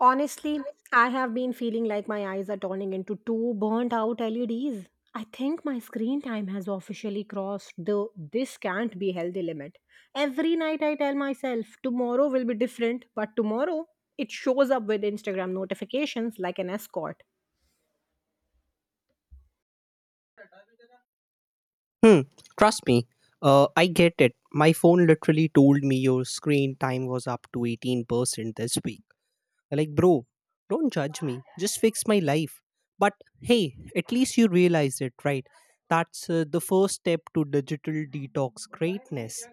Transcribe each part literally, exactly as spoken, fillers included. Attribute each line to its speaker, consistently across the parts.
Speaker 1: Honestly, I have been feeling like my eyes are turning into two burnt out L E Ds. I think my screen time has officially crossed the this can't be healthy limit. Every night I tell myself tomorrow will be different, but tomorrow it shows up with Instagram notifications like an escort.
Speaker 2: Hmm, trust me, uh, I get it. My phone literally told me your screen time was up to eighteen percent this week. I'm like, bro, don't judge me. Just fix my life. But hey, at least you realize it, right? That's uh, the first step to digital detox greatness.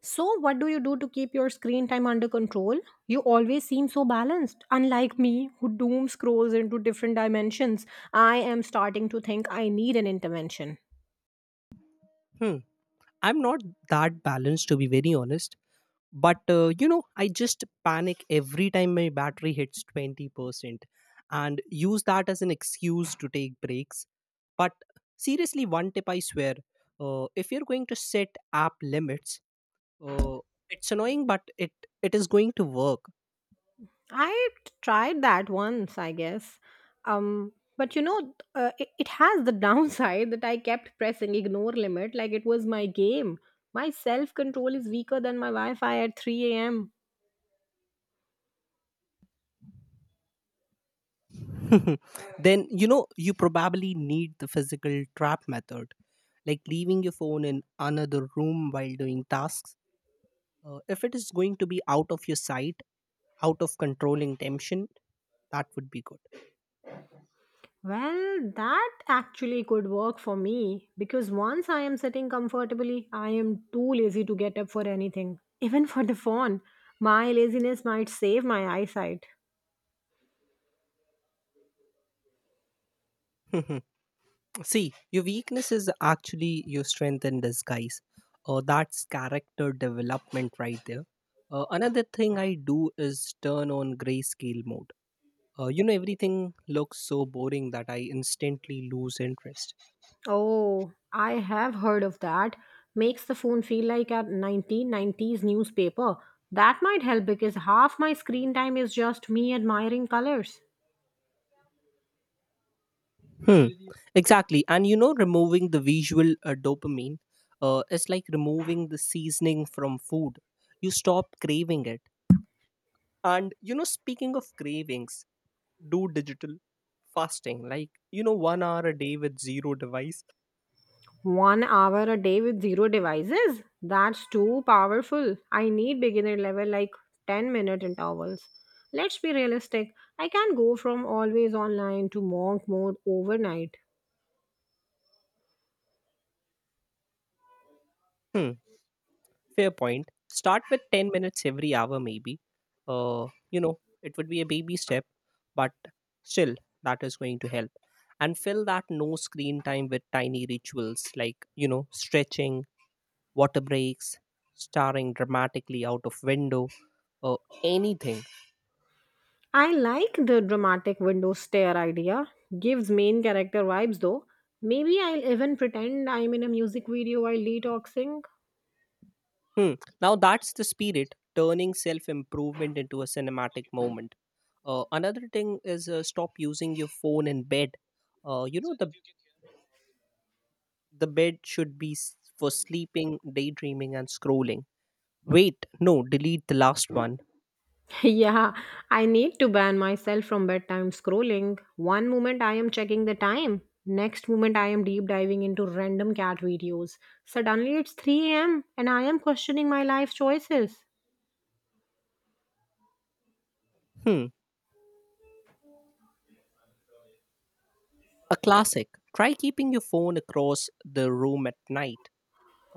Speaker 1: So, what do you do to keep your screen time under control? You always seem so balanced, unlike me who doom scrolls into different dimensions. I am starting to think I need an intervention.
Speaker 2: Hmm, I'm not that balanced, to be very honest. But, uh, you know, I just panic every time my battery hits twenty percent and use that as an excuse to take breaks. But seriously, one tip I swear, uh, if you're going to set app limits, uh, it's annoying, but it, it is going to work.
Speaker 1: I tried that once, I guess. Um, but you know, uh, it, it has the downside that I kept pressing ignore limit like it was my game. My self control is weaker than my Wi Fi at three a m.
Speaker 2: Then, you know, you probably need the physical trap method, like leaving your phone in another room while doing tasks. Uh, if it is going to be out of your sight, out of controlling temptation, that would be
Speaker 1: Well, that actually could work for me because once I am sitting comfortably, I am too lazy to get up for anything, even for the phone. My laziness might save my eyesight.
Speaker 2: good. See, your weakness is actually your strength in disguise. Uh, that's character development right there. Uh, another thing I do is turn on grayscale mode. Uh, you know, everything looks so boring that I instantly lose interest.
Speaker 1: Oh, I have heard of that. Makes the phone feel like a nineteen nineties newspaper. That might help because half my screen time is just me admiring colors.
Speaker 2: Hmm. Exactly. And you know, removing the visual uh, dopamine uh, is like removing the seasoning from food. You stop craving it. And you know, speaking of cravings, do digital fasting, like you know, one hour a day with zero device.
Speaker 1: One hour a day with zero devices? That's too powerful. I need beginner level like ten minute intervals. Let's be realistic. I can't go from always online to monk mode overnight.
Speaker 2: Hmm, fair point. Start with ten minutes every hour maybe. uh you know it would be a baby step, but still, that is going to help. And fill that no screen time with tiny rituals, like you know, stretching, water breaks, staring dramatically out of window, or anything.
Speaker 1: I like the dramatic window stare idea. Gives main character vibes though. Maybe I'll even pretend I'm in a music video while detoxing.
Speaker 2: Hmm. Now that's the spirit, turning self improvement into a cinematic moment. Uh, another thing is, uh, stop using your phone in bed. Uh, you know the the bed should be s- for sleeping, daydreaming, and scrolling. Wait, no, delete the last one.
Speaker 1: Yeah, I need to ban myself from bedtime scrolling. One moment I am checking the time, next moment I am deep diving into random cat videos. Suddenly it's three a m and I am questioning my life choices.
Speaker 2: Hmm, a classic. Try keeping your phone across the room at night,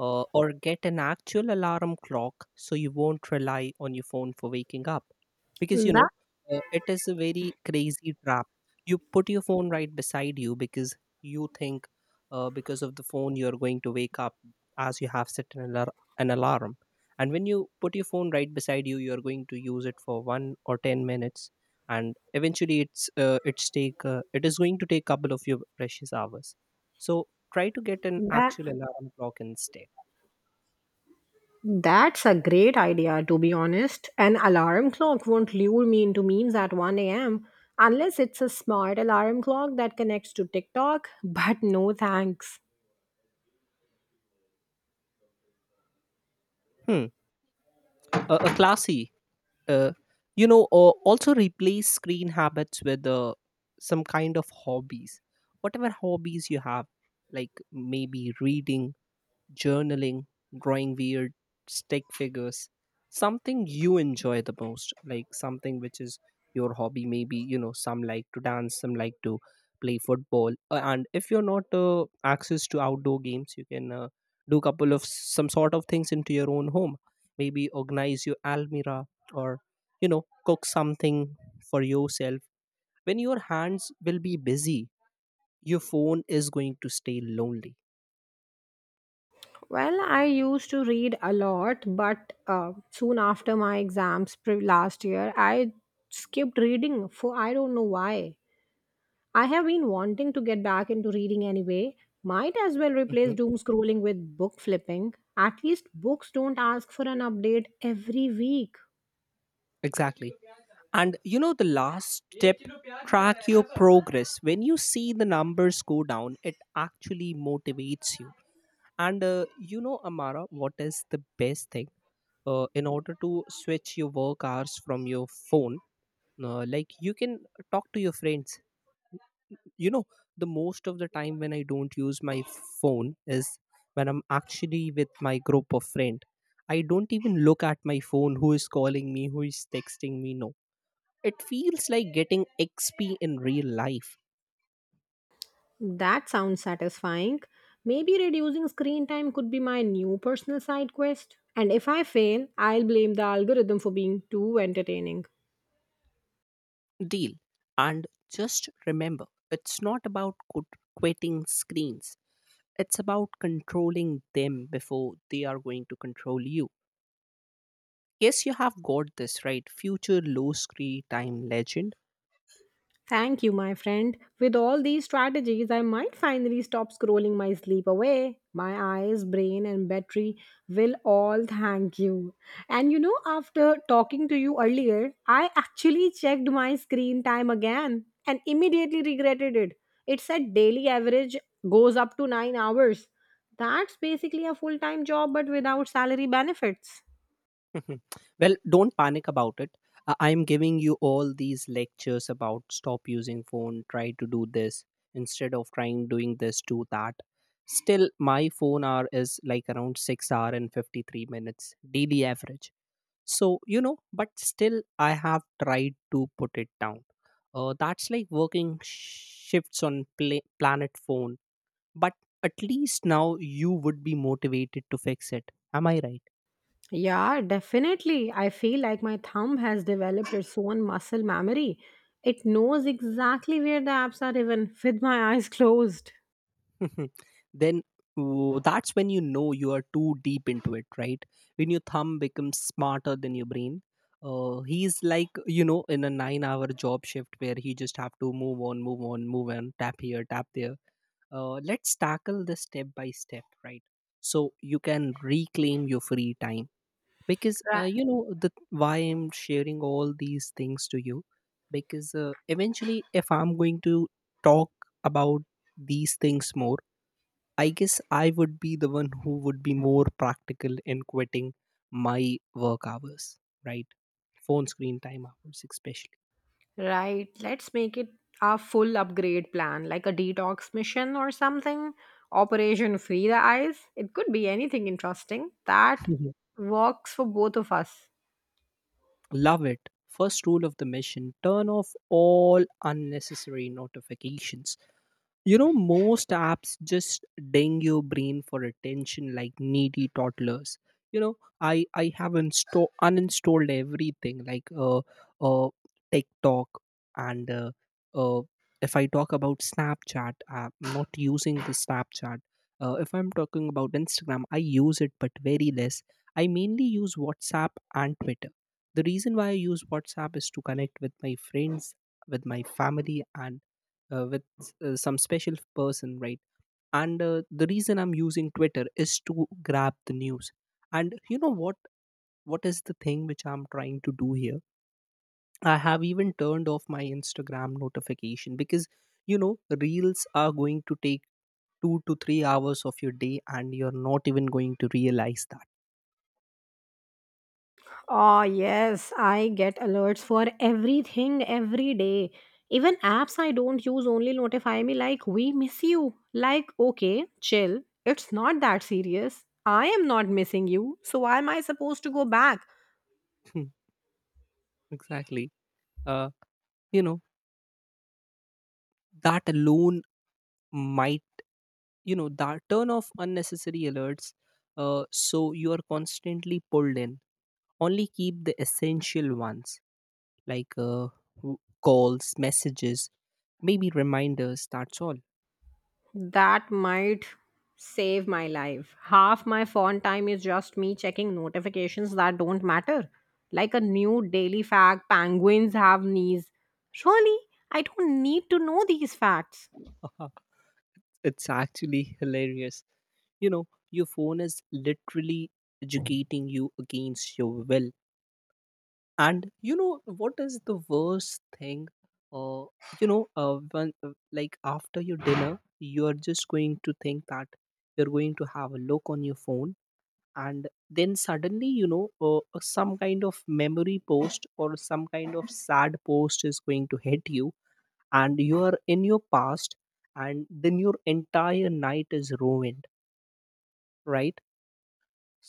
Speaker 2: uh, or get an actual alarm clock so you won't rely on your phone for waking up. Because you know,
Speaker 1: That
Speaker 2: uh, it is a very crazy trap. You put your phone right beside you because you think, uh, because of the phone you're going to wake up, as you have set an, alar- an alarm. And when you put your phone right beside you, you're going to use it for one or ten minutes, and eventually it's uh, it's take uh, it is going to take couple of your precious hours. So try to get an
Speaker 1: that
Speaker 2: actual alarm clock instead.
Speaker 1: That's a great idea, to be honest. An alarm clock won't lure me into memes at one a m unless it's a smart alarm clock that connects to TikTok, but no thanks.
Speaker 2: Hmm. A, a classy. Uh, you know, uh, Also replace screen habits with uh, some kind of hobbies. Whatever hobbies you have, like maybe reading, journaling, drawing weird stick figures, something you enjoy the most, like something which is your hobby. Maybe, you know, some like to dance, some like to play football. Uh, And if you're not uh, access to outdoor games, you can uh, do couple of some sort of things into your own home. Maybe organize your almirah, or, you know, cook something for yourself. When your hands will be busy, your phone is going to stay lonely.
Speaker 1: Well, I used to read a lot, but uh, soon after my exams pre- last year, I skipped reading for I don't know why. I have been wanting to get back into reading anyway. Might as well replace
Speaker 2: Mhm.
Speaker 1: doom scrolling with book flipping. At least books don't ask for an update every week.
Speaker 2: Exactly. And you know, the last step, track your progress. When you see the numbers go down, it actually motivates you. And uh, you know, Amara, what is the best thing? Uh, in order to switch your work hours from your phone, uh, like you can talk to your friends. You know, the most of the time when I don't use my phone is when I'm actually with my group of friend. I don't even look at my phone who is calling me, who is texting me, no, it feels like getting X P in real life.
Speaker 1: That sounds satisfying. Maybe reducing screen time could be my new personal side quest. And if I fail, I'll blame the algorithm for being too entertaining.
Speaker 2: Deal. And just remember, it's not about quit- quitting screens, it's about controlling them before they are going to control you. Yes, you have got this right. Future low screen time legend.
Speaker 1: Thank you, my friend. With all these strategies, I might finally stop scrolling my sleep away. My eyes, brain, and battery will all thank you. And you know, after talking to you earlier, I actually checked my screen time again and immediately regretted it. It said daily average goes up to nine hours. That's basically a full time job, but without salary benefits.
Speaker 2: Mhm. Well, don't panic about it. Uh, I'm giving you all these lectures about stop using phone, try to do this instead of trying doing this, do that. Still, my phone hour is like around six hour and fifty-three minutes daily average. So, you know, but still, I have tried to put it down. Uh, that's like working shifts on pla- planet phone. But at least now you would be motivated to fix it. Am I right?
Speaker 1: Yeah, definitely. I feel like my thumb has developed its own muscle memory. It knows exactly where the apps are even with my eyes closed.
Speaker 2: Mhm. Then w- that's when you know you are too deep into it, right? When your thumb becomes smarter than your brain. Uh, he's like, you know, in a nine hour job shift where he just have to move on, move on, move on, tap here, tap there. Uh, let's tackle this step by step, right? So you can reclaim your free time because, uh,
Speaker 1: Right.
Speaker 2: you know, the why I'm sharing all these things to you because uh, eventually, if I'm going to talk about these things more, I guess I would be the one who would be more practical in quitting my work hours, right? Phone screen time hours, especially.
Speaker 1: Right. Let's make it a full upgrade plan, like a detox mission or something. Operation Free the Eyes. It could be anything interesting that
Speaker 2: Mhm.
Speaker 1: works for both of us.
Speaker 2: Love it. First rule of the mission: turn off all unnecessary notifications. You know, most apps just ding your brain for attention like needy toddlers. You know, I I have insta- uninstalled everything, like uh uh TikTok, and uh, uh if I talk about Snapchat, I'm not using the Snapchat. Uh, if I'm talking about Instagram, I use it but very less. I mainly use WhatsApp and Twitter. The reason why I use WhatsApp is to connect with my friends, with my family, and uh, with s- uh, some special person, right? And uh, the reason I'm using Twitter is to grab the news. And you know what what is the thing which I'm trying to do here? I have even turned off my Instagram notification because, you know, reels are going to take two to three hours of your day, and you're not even going to realize that.
Speaker 1: Oh, yes, I get alerts for everything every day. Even apps I don't use only notify me like, we miss you. Like, okay, chill. It's not that serious. I am not missing you. So, why am I supposed to go back?
Speaker 2: Hmm, exactly. Uh, you know that alone might, you know, that turn off unnecessary alerts, uh, so you are constantly pulled in. Only keep the essential ones, like uh, w- calls, messages, maybe reminders. That's all.
Speaker 1: That might save my life. Half my phone time is just me checking notifications that don't matter. Like a new daily fact penguins have knees. Surely, I don't need to know these facts.
Speaker 2: It's actually hilarious. You know, your phone is literally educating you against your will. And you know what is the worst thing? Uh, you know, uh, when, uh, like after your dinner, you are just going to think that you're going to have a look on your phone, and then suddenly, you know, uh, some kind of memory post or some kind of sad post is going to hit you, and you are in your past, and then your entire night is ruined, right?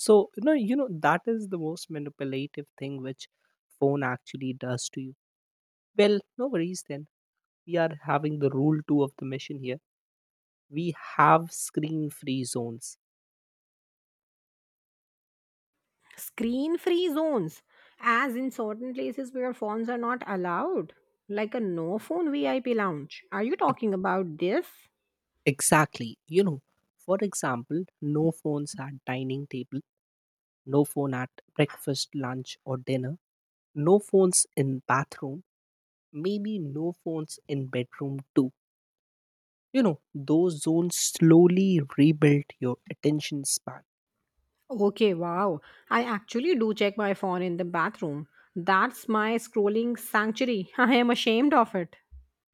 Speaker 2: So you know, you know that is the most manipulative thing which phone actually does to you. Well, no worries then, we are having the rule two of the mission here. We have screen free zones.
Speaker 1: Screen free zones, as in certain places where phones are not allowed, like a no phone V I P lounge. Are you talking about this?
Speaker 2: Exactly, you know. For example, no phones at dining table, no phone at breakfast, lunch, or dinner, no phones in bathroom, maybe no phones in bedroom too. You know, those zones slowly rebuild your attention span.
Speaker 1: Okay, wow. I actually do check my phone in the bathroom. That's my scrolling sanctuary. I am ashamed of it.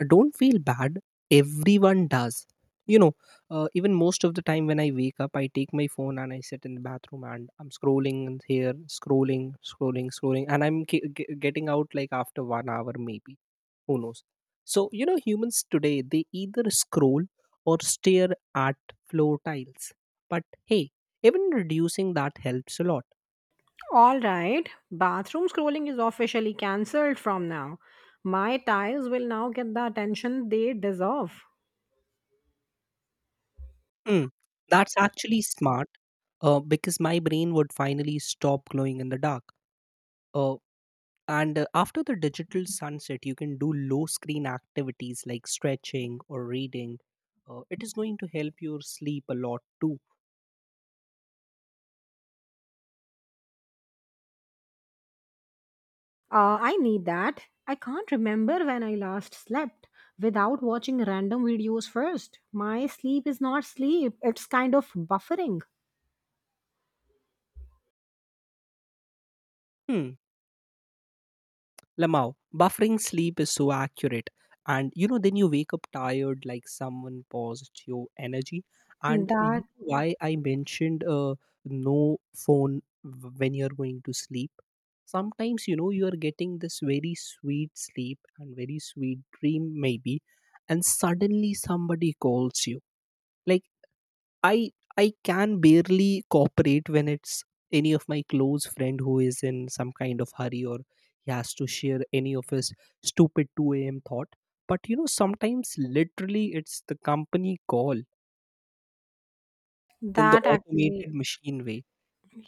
Speaker 2: Don't feel bad. Everyone does. You know, uh, even most of the time when I wake up, I take my phone and I sit in the bathroom, and I'm scrolling and here, scrolling, scrolling, scrolling, and I'm ge- ge- getting out like after one hour maybe. Who knows? So, you know, humans today, they either scroll or stare at floor tiles. But hey, even reducing that helps a lot.
Speaker 1: All right, bathroom scrolling is officially cancelled from now. My tiles will now get the attention they deserve.
Speaker 2: Mm, that's actually smart, uh, because my brain would finally stop glowing in the dark. Uh, and uh, After the digital sunset, you can do low screen activities like stretching or reading. Uh, it is going to help your sleep a lot too.
Speaker 1: Uh, I need that. I can't remember when I last slept without watching random videos first. My sleep is not sleep. It's kind of buffering.
Speaker 2: Hmm, Lamau, buffering sleep is so accurate. And you know, then you wake up tired, like someone paused your energy. And you
Speaker 1: That
Speaker 2: know why I mentioned, uh, no phone w- when you're going to sleep? Sometimes, you know, you are getting this very sweet sleep and very sweet dream, maybe, and suddenly somebody calls you. Like, I I can barely cooperate when it's any of my close friend who is in some kind of hurry, or he has to share any of his stupid two a m thought. But you know, sometimes literally it's the company call in the
Speaker 1: that actually
Speaker 2: automated machine way.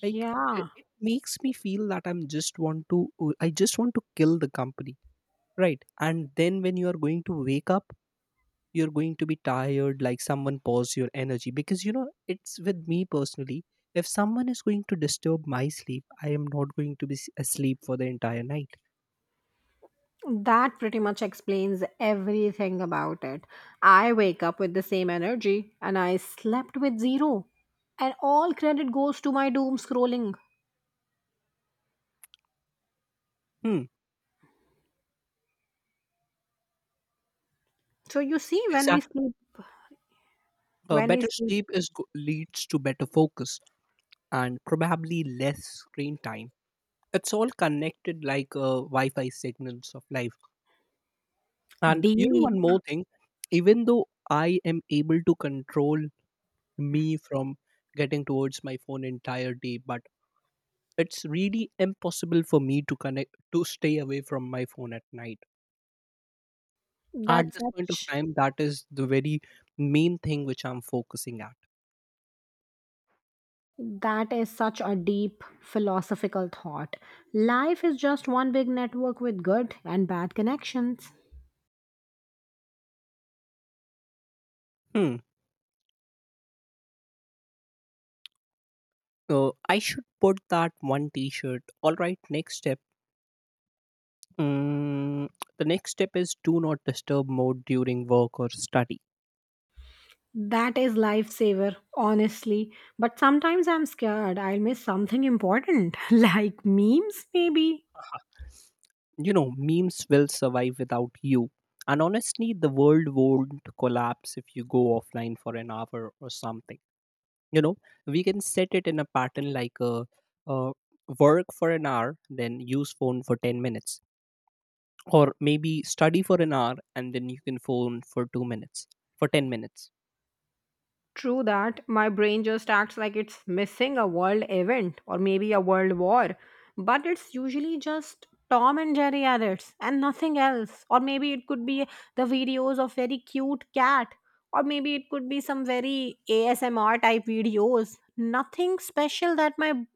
Speaker 2: Like it,
Speaker 1: yeah,
Speaker 2: it makes me feel that I'm just want to I just want to kill the company. Right. And then when you are going to wake up, you're going to be tired like someone paused your energy, because you know it's with me personally, if someone is going to disturb my sleep, I am not going to be s- asleep for the entire night.
Speaker 1: that pretty much explains everything about it. I wake up with the same energy and I slept with zero. And all credit goes to my doom scrolling.
Speaker 2: Hmm,
Speaker 1: So you see when we
Speaker 2: exactly.
Speaker 1: sleep
Speaker 2: Uh,
Speaker 1: when we
Speaker 2: better
Speaker 1: sleep
Speaker 2: sleep is go- leads to better focus, and probably less screen time. It's all connected, like uh, wi-fi signals of life. And you know
Speaker 1: deep
Speaker 2: one more thing, even though I am able to control me from getting towards my phone entire day, but it's really impossible for me to connect to stay away from my phone at night. At
Speaker 1: that's
Speaker 2: this point of
Speaker 1: such
Speaker 2: time, that is the very main thing which I'm focusing at.
Speaker 1: That is such a deep philosophical thought. Life is just one big network with good and bad connections.
Speaker 2: Hmm. So I should put that one t-shirt. All right, next step. Mm, the next step is do not disturb mode during work or study.
Speaker 1: That is lifesaver, honestly. But sometimes I'm scared I'll miss something important, like memes, maybe.
Speaker 2: You know, memes will survive without you, and honestly, the world won't collapse if you go offline for an hour or something. You know, we can set it in a pattern, like uh, uh, work for an hour then use phone for ten minutes, or maybe study for an hour and then you can phone for two minutes, for ten minutes.
Speaker 1: True that. My brain just acts like it's missing a world event or maybe a world war. But it's usually just Tom and Jerry edits and nothing else. Or maybe it could be the videos of very cute cat. Or maybe it could be some very A S M R type videos. Nothing special that my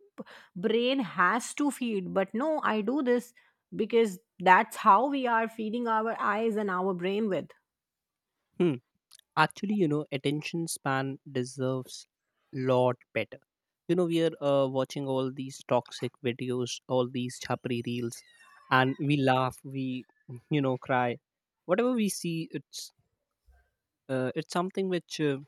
Speaker 1: brain has to feed. But no, I do this because that's how we are feeding our eyes and our brain with.
Speaker 2: Hmm, actually, you know, attention span deserves lot better. You know, we are uh, watching all these toxic videos, all these chapri reels, and we laugh, we, you know, cry, whatever we see. It's uh, it's something which uh,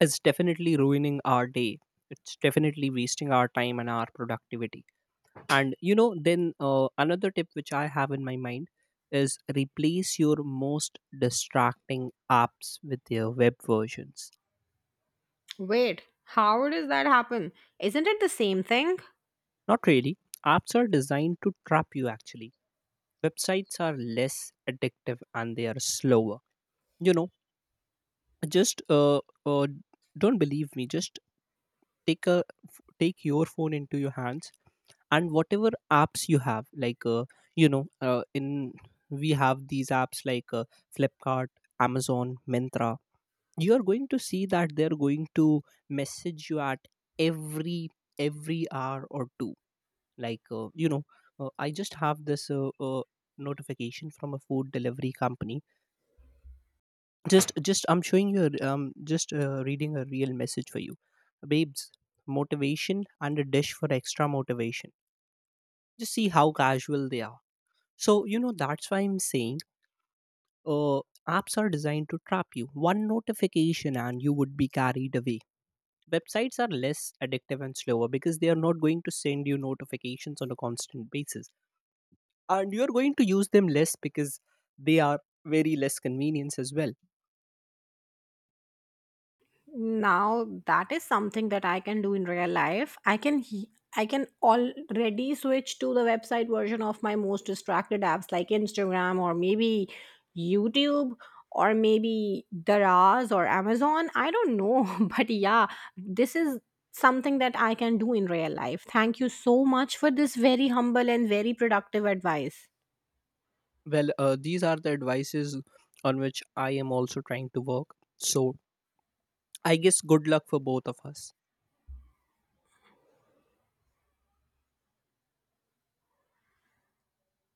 Speaker 2: is definitely ruining our day. It's definitely wasting our time and our productivity. And you know then, uh, another tip which I have in my mind is replace your most distracting apps with their web versions.
Speaker 1: Wait, how does that happen? Isn't it the same thing?
Speaker 2: Not really, apps are designed to trap you actually. Websites are less addictive and they are slower. You know, just uh, uh, don't believe me, just take a take your phone into your hands, and whatever apps you have, like uh, you know uh, in we have these apps like, uh, Flipkart, Amazon, Mentra, you are going to see that they're going to message you at every every hour or two. Like, uh, you know uh, I just have this, uh, uh, notification from a food delivery company. Just just I'm showing you a- um just, uh, reading a real message for you. Babes, motivation and a dish for extra motivation. Just see how casual they are. So, you know, that's why I'm saying, uh, apps are designed to trap you. One notification and you would be carried away. Websites are less addictive and slower because they are not going to send you notifications on a constant basis. And you're going to use them less because they are very less convenience as well.
Speaker 1: Now that is something that I can do in real life. i can he- I can already switch to the website version of my most distracted apps like Instagram, or maybe YouTube, or maybe Daraz or Amazon, I don't know, but yeah, this is something that I can do in real life. Thank you so much for this very humble and very productive advice.
Speaker 2: Well, uh, these are the advices on which I am also trying to work. So, I guess good luck for both of us.